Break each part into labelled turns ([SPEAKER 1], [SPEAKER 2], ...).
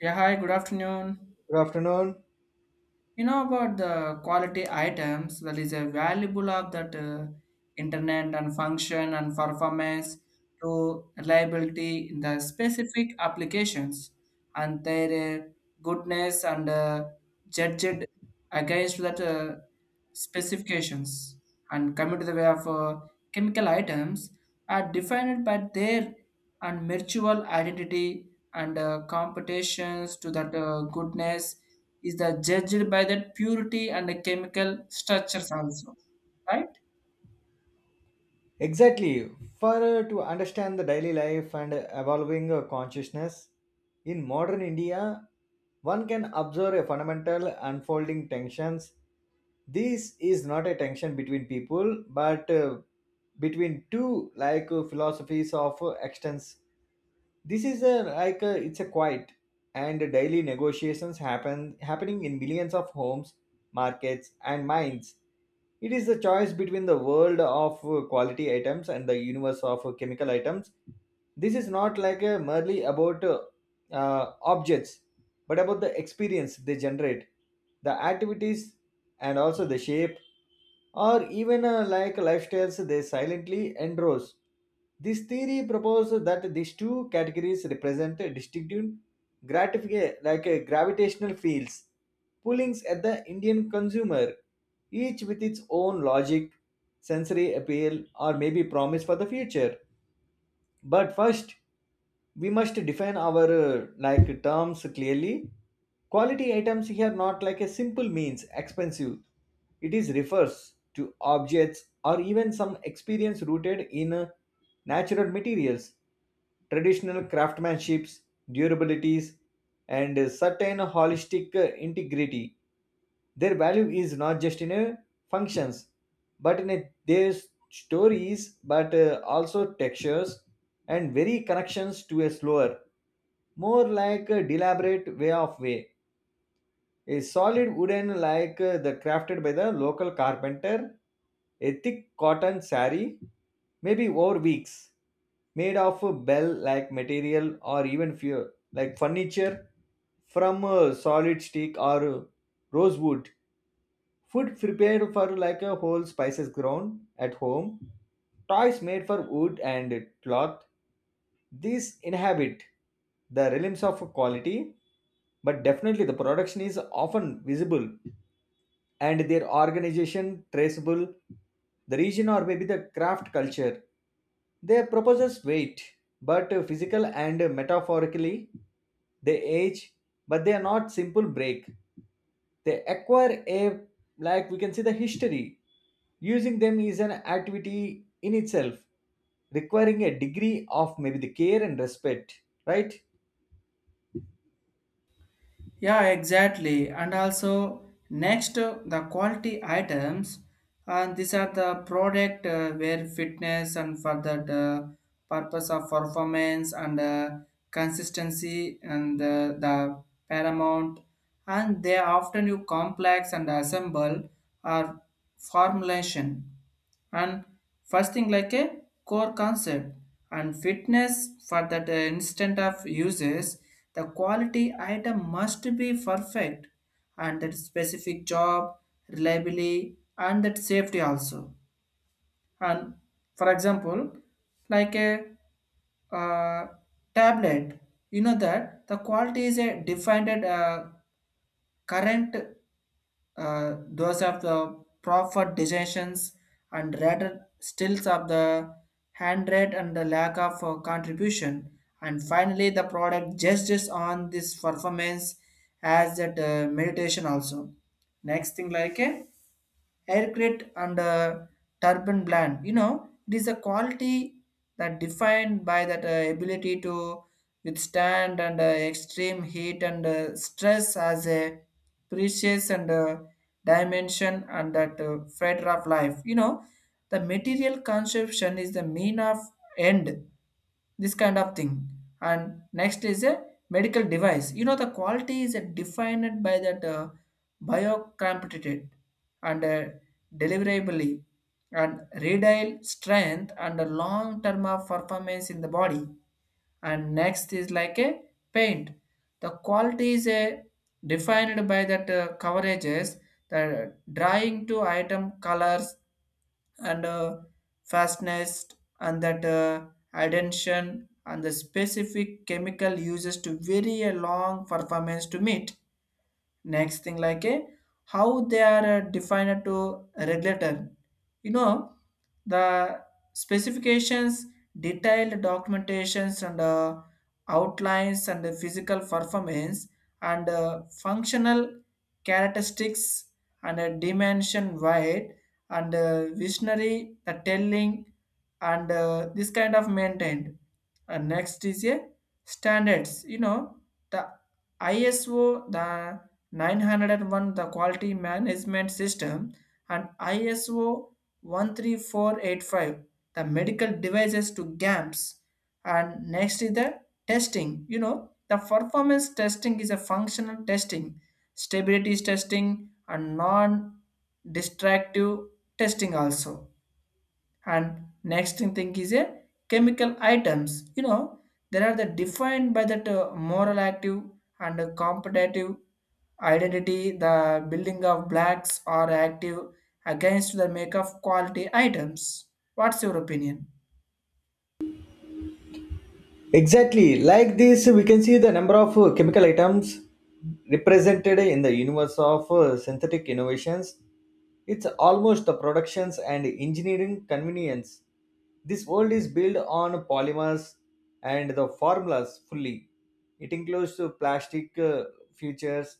[SPEAKER 1] Yeah, hi, good afternoon.
[SPEAKER 2] Good afternoon.
[SPEAKER 1] You know about the quality items that is a valuable of that internet and function and performance to reliability in the specific applications, and their goodness and judged against that specifications, and coming to the way of chemical items are defined by their and mutual identity and competitions to that goodness is the judged by the purity and the chemical structures also, right?
[SPEAKER 2] Exactly. For To understand the daily life and evolving consciousness in modern India, one can observe a fundamental unfolding tensions. This is not a tension between people, but between two like philosophies of extents. This is a like a, It's a quiet and daily negotiations happening in millions of homes, markets and mines. It is the choice between the world of quality items and the universe of chemical items. This is not like a merely about objects, but about the experience they generate, the activities, and also the shape, or even like lifestyles they silently endorse. This theory proposes that these two categories represent a distinctive like a gravitational fields, pullings at the Indian consumer, each with its own logic, sensory appeal, or maybe promise for the future. But first, we must define our like terms clearly. Quality items here not like a simple means expensive. It is refers to objects or even some experience rooted in natural materials, traditional craftsmanships, durabilities, and certain holistic integrity. Their value is not just in a functions, but in a, their stories, but also textures and very connections to a slower, more like a deliberate way of way. A solid wooden like the crafted by the local carpenter, a thick cotton sari, maybe over weeks, made of a bell like material or even few like furniture from a solid stick or rosewood. Food prepared for like a whole spices grown at home, toys made for wood and cloth. These inhabit the realms of quality, but definitely the production is often visible and their organization traceable, the region or maybe the craft culture. Their proposals wait, but physical and metaphorically they age, but they are not simple break. They acquire a like we can see the history. Using them is an activity in itself, requiring a degree of maybe the care and respect, right?
[SPEAKER 1] Yeah, exactly. And also, next, the quality items, and these are the product where fitness and for that purpose of performance and consistency and the paramount, and they often you complex and assemble or formulation. And first thing like a core concept and fitness for that instant of uses, the quality item must be perfect and that specific job reliably and that safety also. And for example, like a uh, tablet, you know that the quality is a defined current, those of the proper decisions and rather stills of the hand rate and the lack of contribution, and finally the product judges on this performance as that meditation also. Next thing like a aircraft and turbine blend. You know, it is a quality that defined by that ability to withstand and extreme heat and stress as a precious and dimension and that fetter of life. You know, the material conception is the mean of end this kind of thing. And next is a medical device, you know the quality is defined by that biocompetitive and deliverability and radial strength and the long term of performance in the body. And next is like a paint, the quality is a defined by that coverages, the drying to item colors and fastness and that attention and the specific chemical uses to vary a long performance to meet. Next thing like a how they are defined to regulator, you know the specifications, detailed documentations and outlines and the physical performance and functional characteristics and dimension wide and visionary the telling and this kind of maintained. And next is a standards, you know the iso the 901 the quality management system and ISO 13485 the medical devices to GAMS. And next is the testing, you know the performance testing is a functional testing, stability testing and non destructive testing also. And next thing is a chemical items, you know there are the defined by that moral active and competitive identity, the building of blacks are active against the make of quality items. What's your opinion?
[SPEAKER 2] Exactly. Like this, we can see the number of chemical items represented in the universe of synthetic innovations. It's almost the productions and engineering convenience. This world is built on polymers and the formulas fully. It includes plastic futures,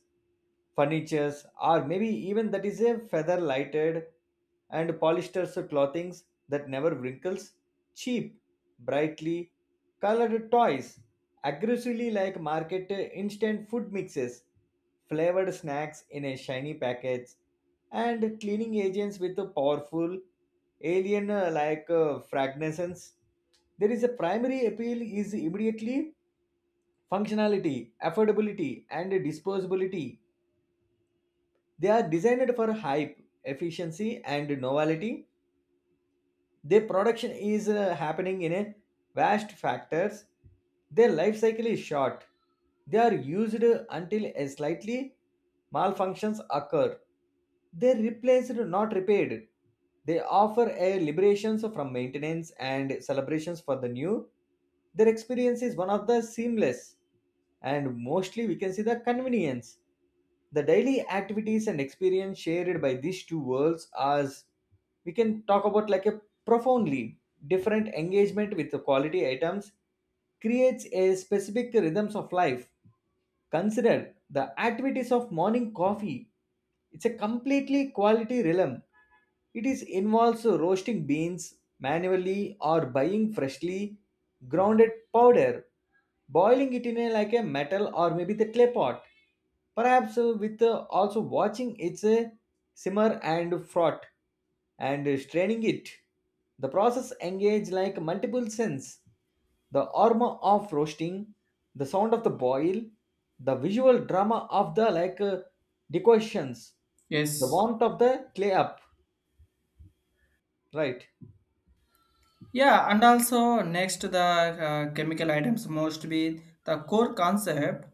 [SPEAKER 2] furnitures, or maybe even that is a feather lighted and polyester clothings that never wrinkles, cheap, brightly colored toys, aggressively like market instant food mixes, flavored snacks in a shiny package, and cleaning agents with a powerful alien like fragrances. There is a primary appeal is immediately functionality, affordability, and disposability. They are designed for hype, efficiency, and novelty. Their production is happening in a vast factors. Their life cycle is short. They are used until a slightly malfunctions occur. They are replaced, not repaired. They offer a liberations from maintenance and celebrations for the new. Their experience is one of the seamless and mostly we can see the convenience. The daily activities and experience shared by these two worlds, as we can talk about like a profoundly different engagement with the quality items, creates a specific rhythms of life. Consider the activities of morning coffee. It's a completely quality realm. It is involves roasting beans manually or buying freshly grounded powder, boiling it in a, like a metal or maybe the clay pot, perhaps with also watching its simmer and froth, and straining it. The process engage like multiple sense: the aroma of roasting, the sound of the boil, the visual drama of the like decorations, the
[SPEAKER 1] Yes.
[SPEAKER 2] warmth of the clay up, right?
[SPEAKER 1] Yeah, and also next the chemical items must be the core concept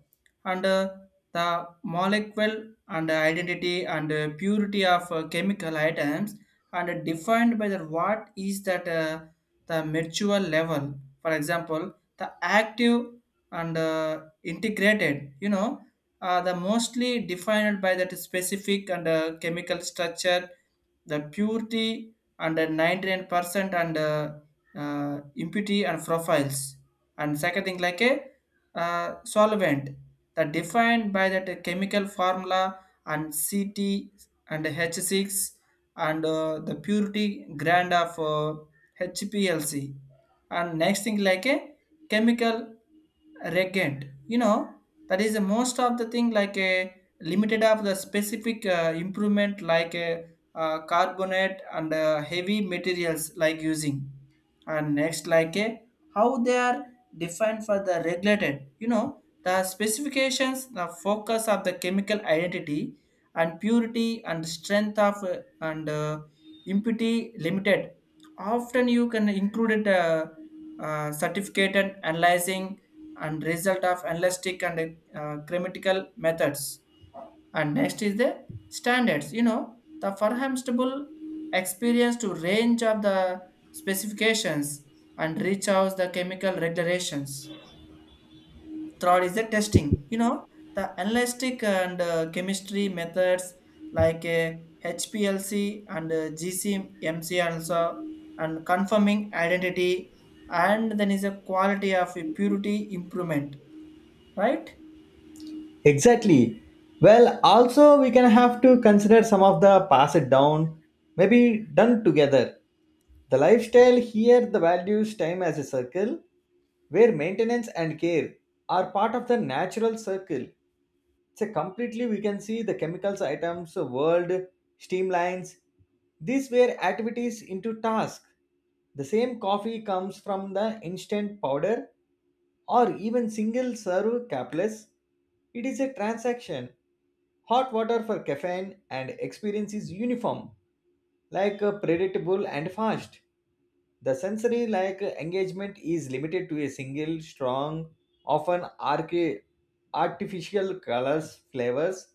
[SPEAKER 1] and the molecule and identity and purity of chemical items and defined by the what is that the mature level. For example, the active and integrated, you know, the mostly defined by that specific and chemical structure, the purity and 99% and impurity and profiles. And second thing like a solvent that defined by that chemical formula and CT and H6 and the purity grade of HPLC. And next thing like a chemical reagent. You know that is the most of the thing like a limited of the specific improvement like a carbonate and heavy materials like using. And next like a how they are defined for the regulated, you know the specifications, the focus of the chemical identity and purity and strength of and impurity limited, often you can include it, certificate and analyzing and result of analytic and grammatical methods. And next is the standards, you know the forehamstable experience to range of the specifications and reach out the chemical regulations. Third is the testing, you know the analytic and chemistry methods like HPLC and GCMC also, and confirming identity, and then is a quality of purity improvement, right?
[SPEAKER 2] Exactly. Well, also we can have to consider some of the pass it down, maybe done together. The lifestyle here, the values time as a circle, where maintenance and care are part of the natural circle. So completely we can see the chemicals items, world, streamlines. These were activities into task. The same coffee comes from the instant powder or even single serve capless. It is a transaction. Hot water for caffeine and experience is uniform, like predictable and fast. The sensory like engagement is limited to a single strong, often artificial colors, flavors.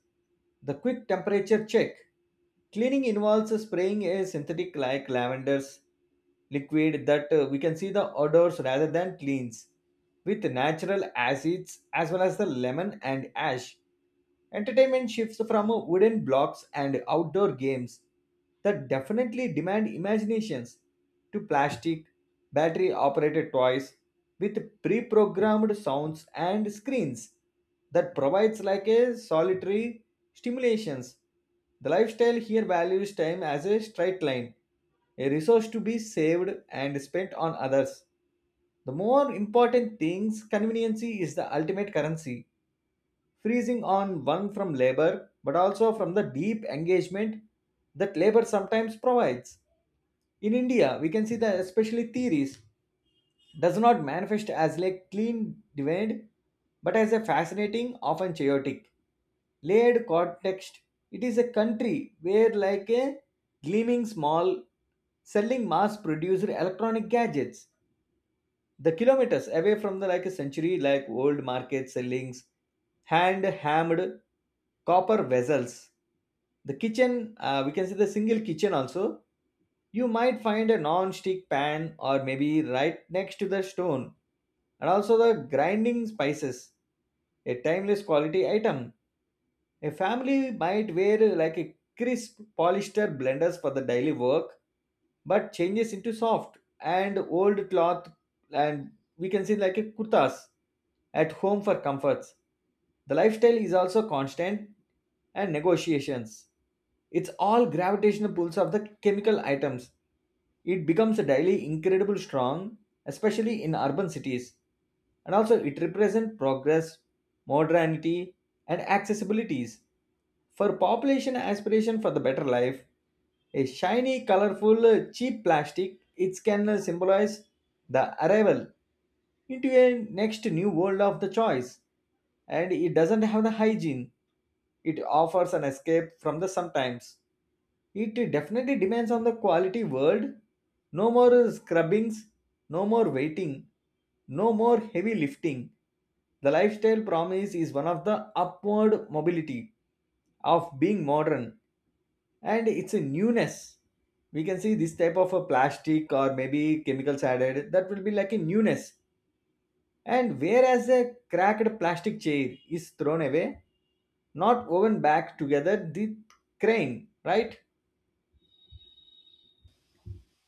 [SPEAKER 2] The quick temperature check. Cleaning involves spraying a synthetic like lavender's liquid that we can see the odors rather than cleans with natural acids as well as the lemon and ash. Entertainment shifts from wooden blocks and outdoor games that definitely demand imaginations to plastic, battery operated toys with pre programmed sounds and screens that provides like a solitary stimulations. The lifestyle here values time as a straight line, a resource to be saved and spent on others. The more important things, conveniency is the ultimate currency, freezing on one from labor but also from the deep engagement that labor sometimes provides. In India, we can see that especially theories does not manifest as like clean divide, but as a fascinating often chaotic layered context. It is a country where like a gleaming small selling mass produced electronic gadgets the kilometers away from the like a century like old market sellings hand hammered copper vessels. The kitchen, we can see the single kitchen also, you might find a non-stick pan or maybe right next to the stone and also the grinding spices, a timeless quality item. A family might wear like a crisp polyester blenders for the daily work, but changes into soft and old cloth, and we can see like a kurtas at home for comforts. The lifestyle is also constant and negotiations. It's all gravitational pulls of the chemical items. It becomes a daily incredible strong, especially in urban cities, and also it represents progress, modernity, and accessibilities for population aspiration for the better life. A shiny colorful cheap plastic, it can symbolize the arrival into a next new world of the choice, and it doesn't have the hygiene. It offers an escape from the sometimes. It definitely depends on the quality world. No more scrubbings, no more waiting, no more heavy lifting. The lifestyle promise is one of the upward mobility of being modern, and it's a newness. We can see this type of a plastic or maybe chemicals added that will be like a newness. And whereas a cracked plastic chair is thrown away, not woven back together the crane, right?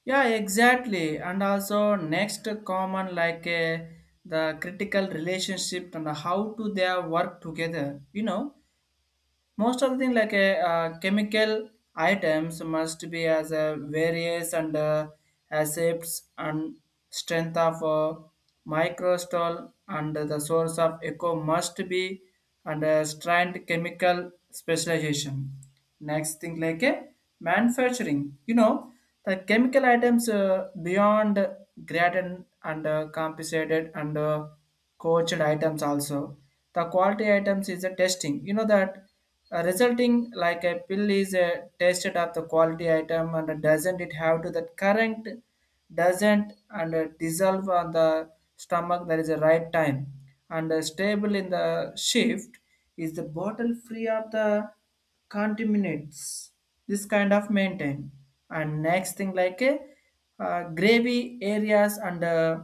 [SPEAKER 1] Yeah, exactly. And also next common like the critical relationship and how to they work together. You know, most of the thing like a chemical items must be as a various and accepts and strength of microstol and the source of echo must be under strained chemical specialization. Next thing like a manufacturing, you know the chemical items beyond gradient and compensated and coached items also, the quality items is a testing, you know that resulting like a pill is a tasted of the quality item and doesn't it have to that current, doesn't and dissolve on the stomach that is the right time and stable in the shift, is the bottle free of the contaminants, this kind of maintain. And next thing like a gravy areas and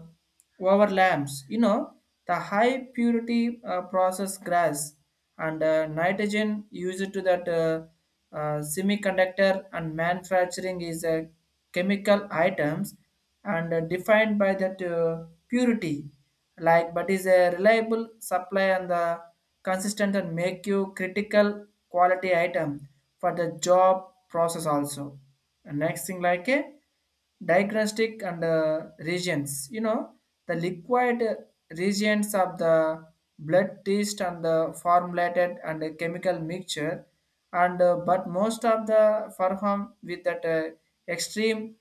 [SPEAKER 1] over lamps. You know, the high purity process grass and nitrogen used to that semiconductor and manufacturing is a chemical items and defined by that purity, like but is a reliable supply and the consistent and make you critical quality item for the job process also. And next thing like a diagnostic and regions, you know the liquid regions of the blood test and the formulated and the chemical mixture and but most of the perform with that extreme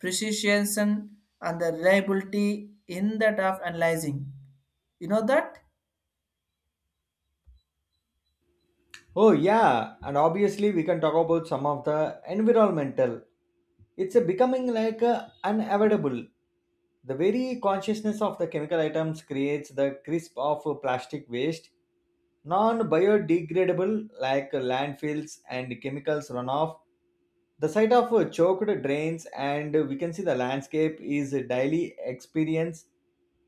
[SPEAKER 1] precision and the reliability in that of analyzing, you know that.
[SPEAKER 2] Oh, yeah, and obviously, we can talk about some of the environmental. It's a becoming like unavoidable. The very consciousness of the chemical items creates the crisp of plastic waste, non biodegradable like landfills and chemicals runoff. The sight of choked drains, and we can see the landscape is a daily experience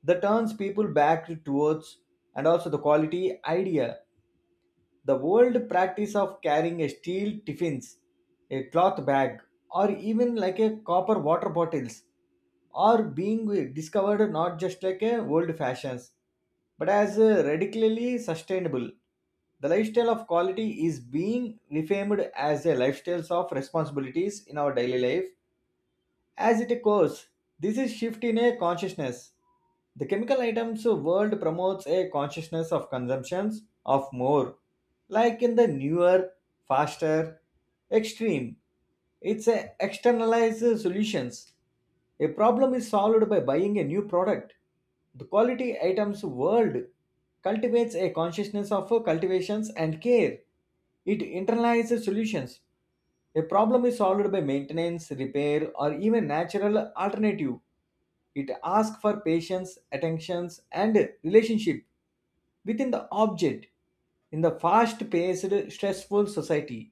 [SPEAKER 2] that turns people back towards, and also the quality idea, the old practice of carrying a steel tiffins, a cloth bag, or even like a copper water bottles are being discovered not just like a old fashions but as radically sustainable. The lifestyle of quality is being reframed as a lifestyle of responsibilities in our daily life. As it goes, this is shift in a consciousness. The chemical items world promotes a consciousness of consumptions of more, like in the newer, faster, extreme. It's a externalized solutions. A problem is solved by buying a new product. The quality items world cultivates a consciousness of cultivations and care. It internalizes solutions. A problem is solved by maintenance, repair, or even natural alternative. It asks for patience, attentions, and relationship within the object. In the fast paced, stressful society,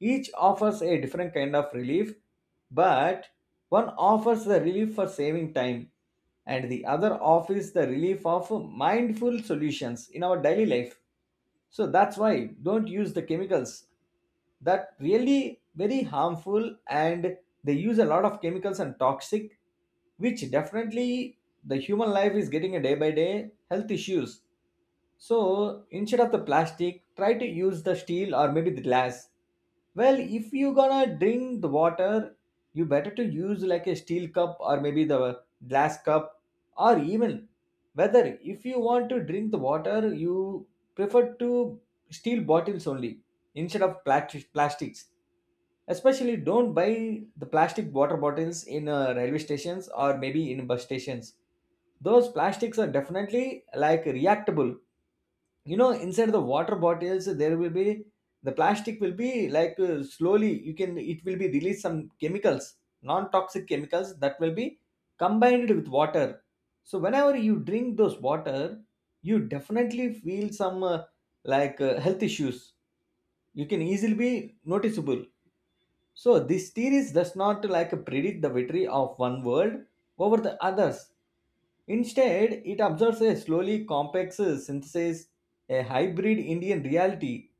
[SPEAKER 2] each offers a different kind of relief, but one offers the relief for saving time, and the other offers the relief of mindful solutions in our daily life. So that's why don't use the chemicals that really very harmful, and they use a lot of chemicals and toxic, which definitely the human life is getting a day by day health issues. So instead of the plastic, try to use the steel or maybe the glass. Well, if you gonna drink the water, you better to use like a steel cup or maybe the glass cup, or even whether if you want to drink the water, you prefer to steel bottles only instead of plastics. Especially don't buy the plastic water bottles in railway stations or maybe in bus stations. Those plastics are definitely like reactable. You know inside the water bottles there will be the plastic will be like slowly you can it will be release some chemicals, non toxic chemicals that will be combined with water. So whenever you drink those water, you definitely feel some like health issues. You can easily be noticeable. So this series does not like predict the victory of one world over the others. Instead, it observes a slowly complex synthesis, a hybrid Indian reality.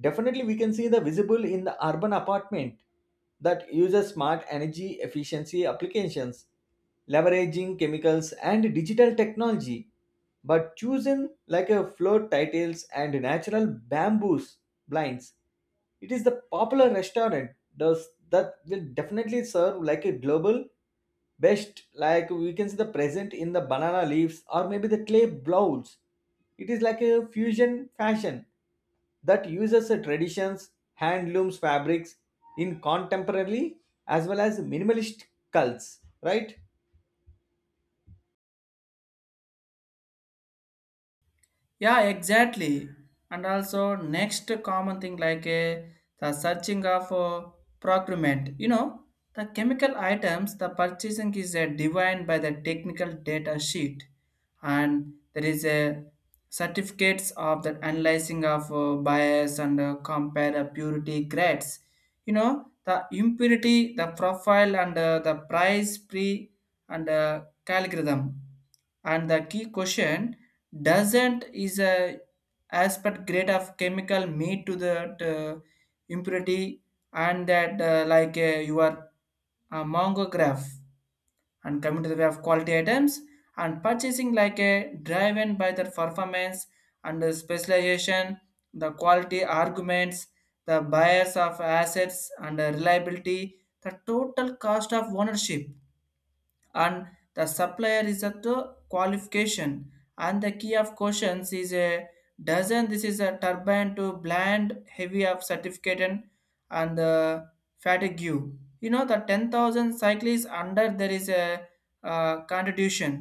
[SPEAKER 2] Definitely, we can see the visible in the urban apartment that uses smart energy efficiency applications, leveraging chemicals and digital technology, but chosen like a floor tiles and natural bamboos blinds. It is the popular restaurant does that will definitely serve like a global best, like we can see the present in the banana leaves or maybe the clay bowls. It is like a fusion fashion that uses the traditions, handlooms fabrics in contemporary as well as minimalist cults, right?
[SPEAKER 1] Yeah, exactly. And also next common thing like the searching of procurement. You know, the chemical items, the purchasing is defined by the technical data sheet, and there is a certificates of the analyzing of bias and compare the purity grades. You know, the impurity, the profile, and the price pre and calgorithm, and the key question doesn't is a aspect grade of chemical meat to that impurity and that like your mongograph. And coming to the way of quality items and purchasing like a driven by the performance and the specialization, the quality arguments, the buyers of assets and the reliability, the total cost of ownership, and the supplier is at the qualification, and the key of questions is a dozen this is a turbine to blend heavy of certificate and the fatigue, you know the 10,000 cyclists under there is a contribution.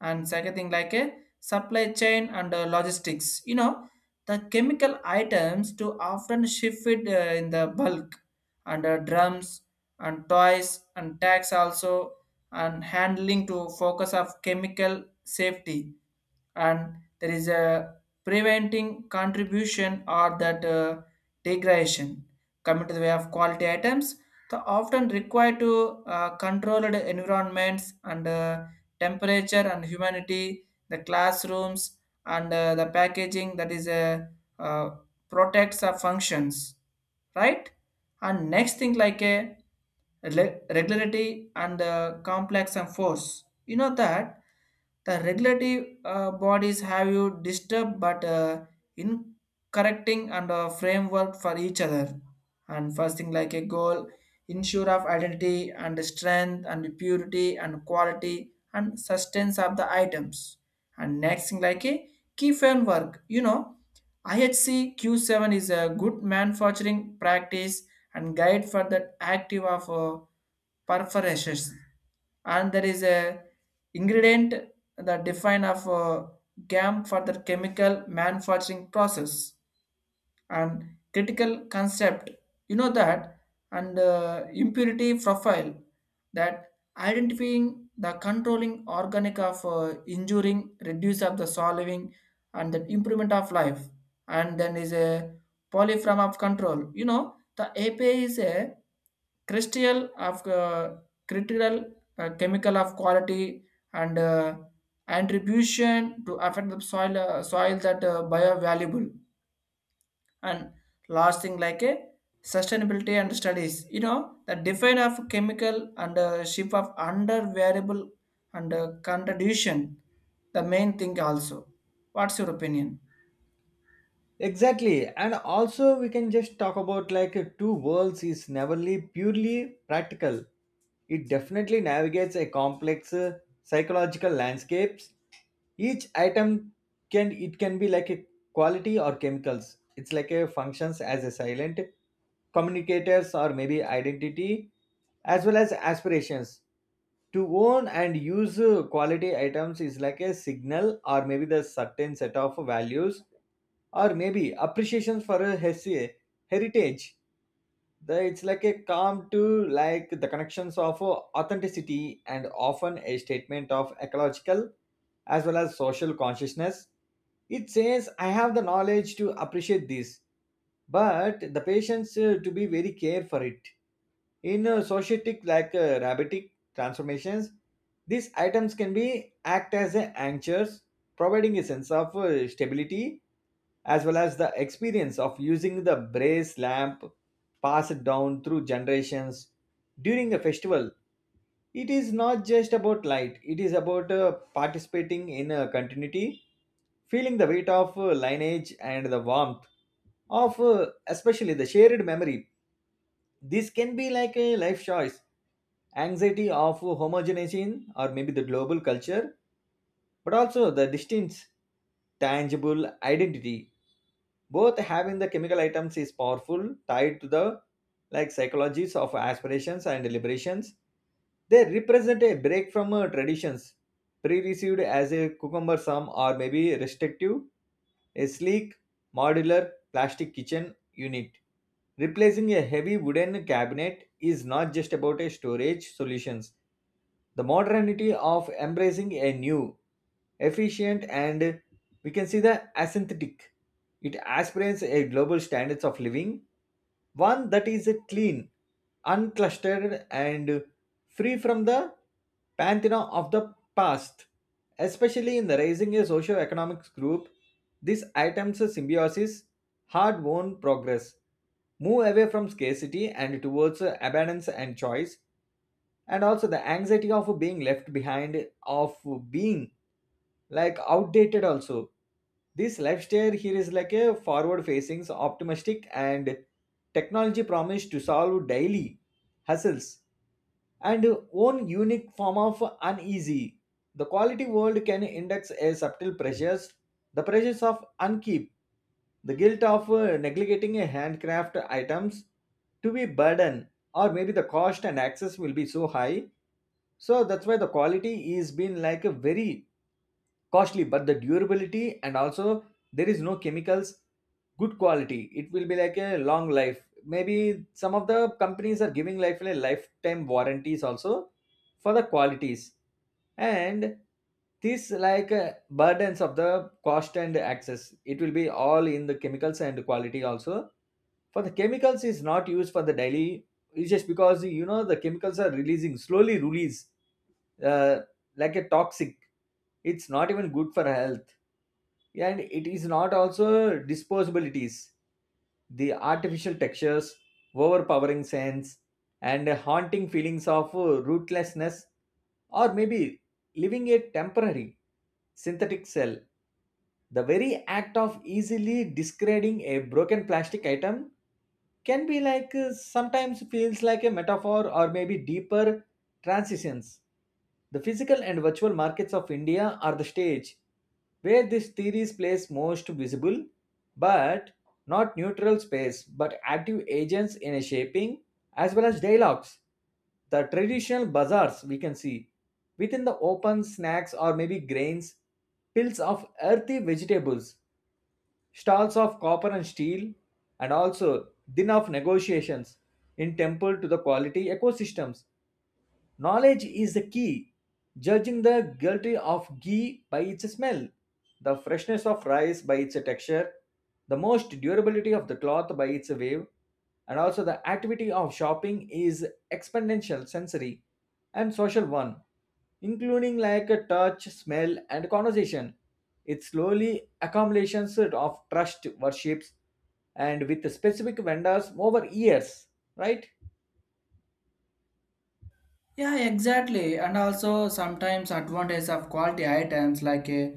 [SPEAKER 1] And second thing like a supply chain and logistics, you know the chemical items to often shifted in the bulk and drums and toys and tax also, and handling to focus of chemical safety, and there is a preventing contribution or that degradation. Coming to the way of quality items, the often require to controlled environments and temperature and humidity, the classrooms and the packaging that is a uh, protects our functions, right? And next thing like a regularity and complex and force, you know that the regulatory bodies have you disturbed but in correcting and framework for each other. And first thing like a goal, ensure of identity and strength and purity and quality and sustenance of the items. And next thing like a key framework, you know IHC Q7 is a good manufacturing practice and guide for the active of perforations. And there is a ingredient that define of GAM for the chemical manufacturing process and critical concept, you know that and impurity profile that identifying the controlling organic of injuring reduce of the solving and the improvement of life. And then is a polyform of control, you know the apa is a crystal of critical chemical of quality and attribution to affect the soil that biovaluable. And last thing like a sustainability and studies, you know the define of chemical and ship of under variable and contradiction, the main thing also. What's your opinion?
[SPEAKER 2] Exactly. And also we can just talk about like two worlds is neverly purely practical. It definitely navigates a complex psychological landscapes. Each item can be like a quality or chemicals. It's like a functions as a silent communicators or maybe identity as well as aspirations. To own and use quality items is like a signal or maybe the certain set of values or maybe appreciations for a heritage. It's like a calm to like the connections of authenticity and often a statement of ecological as well as social consciousness. It says, I have the knowledge to appreciate this, but the patience to be very care for it. In societic like rabbitic transformations, these items can be act as a anchors, providing a sense of stability, as well as the experience of using the brass lamp passed down through generations during a festival. It is not just about light, it is about participating in a continuity, feeling the weight of lineage and the warmth of especially the shared memory. This can be like a life choice, anxiety of homogenization or maybe the global culture, but also the distinct tangible identity. Both having the chemical items is powerful, tied to the like psychologies of aspirations and deliberations. They represent a break from traditions pre-received as a cucumber sum or maybe restrictive. A sleek, modular plastic kitchen unit replacing a heavy wooden cabinet is not just about a storage solutions. The modernity of embracing a new, efficient, and we can see the aesthetic, it aspirates a global standards of living, one that is clean, unclustered, and free from the pantheon of the past. Especially in the raising a socio-economic group, these items symbiosis hard-won progress, move away from scarcity and towards abundance and choice, and also the anxiety of being left behind, of being like outdated also. This lifestyle here is like a forward facing, optimistic, and technology promise to solve daily hassles, and own unique form of uneasy. The quality world can index a subtle pressures, the pressures of unkeep, the guilt of neglecting a handcraft items to be burden, or maybe the cost and access will be so high. So that's why the quality is been like a very costly, but the durability, and also there is no chemicals. Good quality, it will be like a long life. Maybe some of the companies are giving like a lifetime warranties also for the qualities, and this like burdens of the cost and access. It will be all in the chemicals and quality also. For the chemicals is not used for the daily, it's just because you know the chemicals are releasing slowly release uh, like a toxic. It's not even good for health, and it is not also disposable. It is the artificial textures, overpowering scents, and haunting feelings of rootlessness, or maybe living a temporary synthetic cell. The very act of easily discarding a broken plastic item can be like sometimes feels like a metaphor or maybe deeper transitions. The physical and virtual markets of India are the stage where this theory plays most visible, but not neutral space but active agents in a shaping as well as dialogues. The traditional bazaars, we can see within the open snacks or maybe grains, pills of earthy vegetables, stalls of copper and steel, and also din of negotiations in temple to the quality ecosystems. Knowledge is the key. Judging the quality of ghee by its smell, the freshness of rice by its texture, the most durability of the cloth by its wave, and also the activity of shopping is exponential sensory and social one, including like a touch, smell, and conversation. It slowly accumulations of trust worships and with specific vendors over years, right?
[SPEAKER 1] Yeah, exactly. And also sometimes advantage of quality items like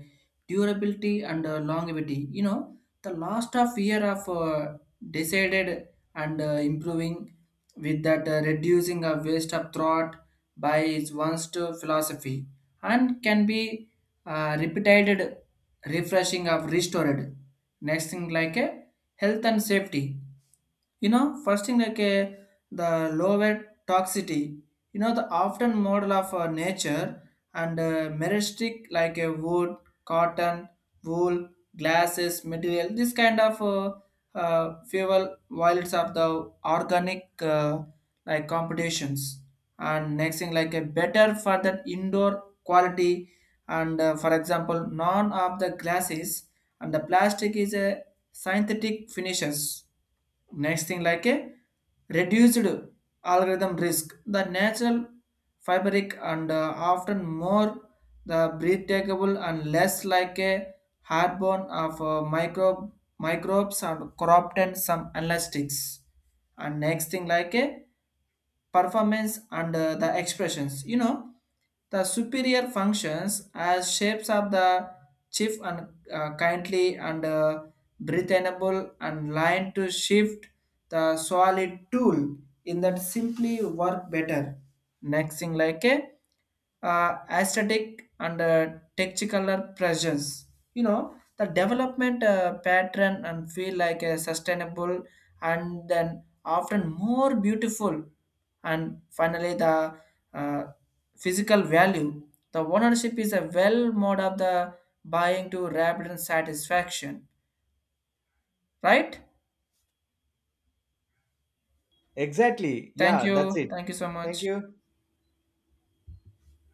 [SPEAKER 1] durability and longevity. You know, the last of year of decided and improving with that reducing of waste of thought by its one's to philosophy, and can be repeated refreshing of restored. Next thing like a health and safety, you know first thing like the lower toxicity, you know the often model of nature and meristic like a wood, cotton, wool, glasses material, this kind of fuel violence of the organic like competitions. And next thing like a better for that indoor quality and for example none of the glasses and the plastic is a synthetic finishes. Next thing like a reduced algorithm risk. The natural fabric and often more the breathable and less like a hardbone of microbes and corrupt and some elastics. And next thing like a performance and the expressions. You know, the superior functions as shapes of the chief and kindly and breath enable and line to shift, the solid tool in that simply work better. Next thing like a aesthetic and texticular pressures. You know, the development pattern and feel like a sustainable and then often more beautiful. And finally, the uh, physical value, the ownership is a well mode of the buying to rapid satisfaction. Right?
[SPEAKER 2] Exactly.
[SPEAKER 1] Thank
[SPEAKER 2] Yeah, that's
[SPEAKER 1] you.
[SPEAKER 2] it.
[SPEAKER 1] Thank you so
[SPEAKER 2] Thank
[SPEAKER 1] much.
[SPEAKER 2] you.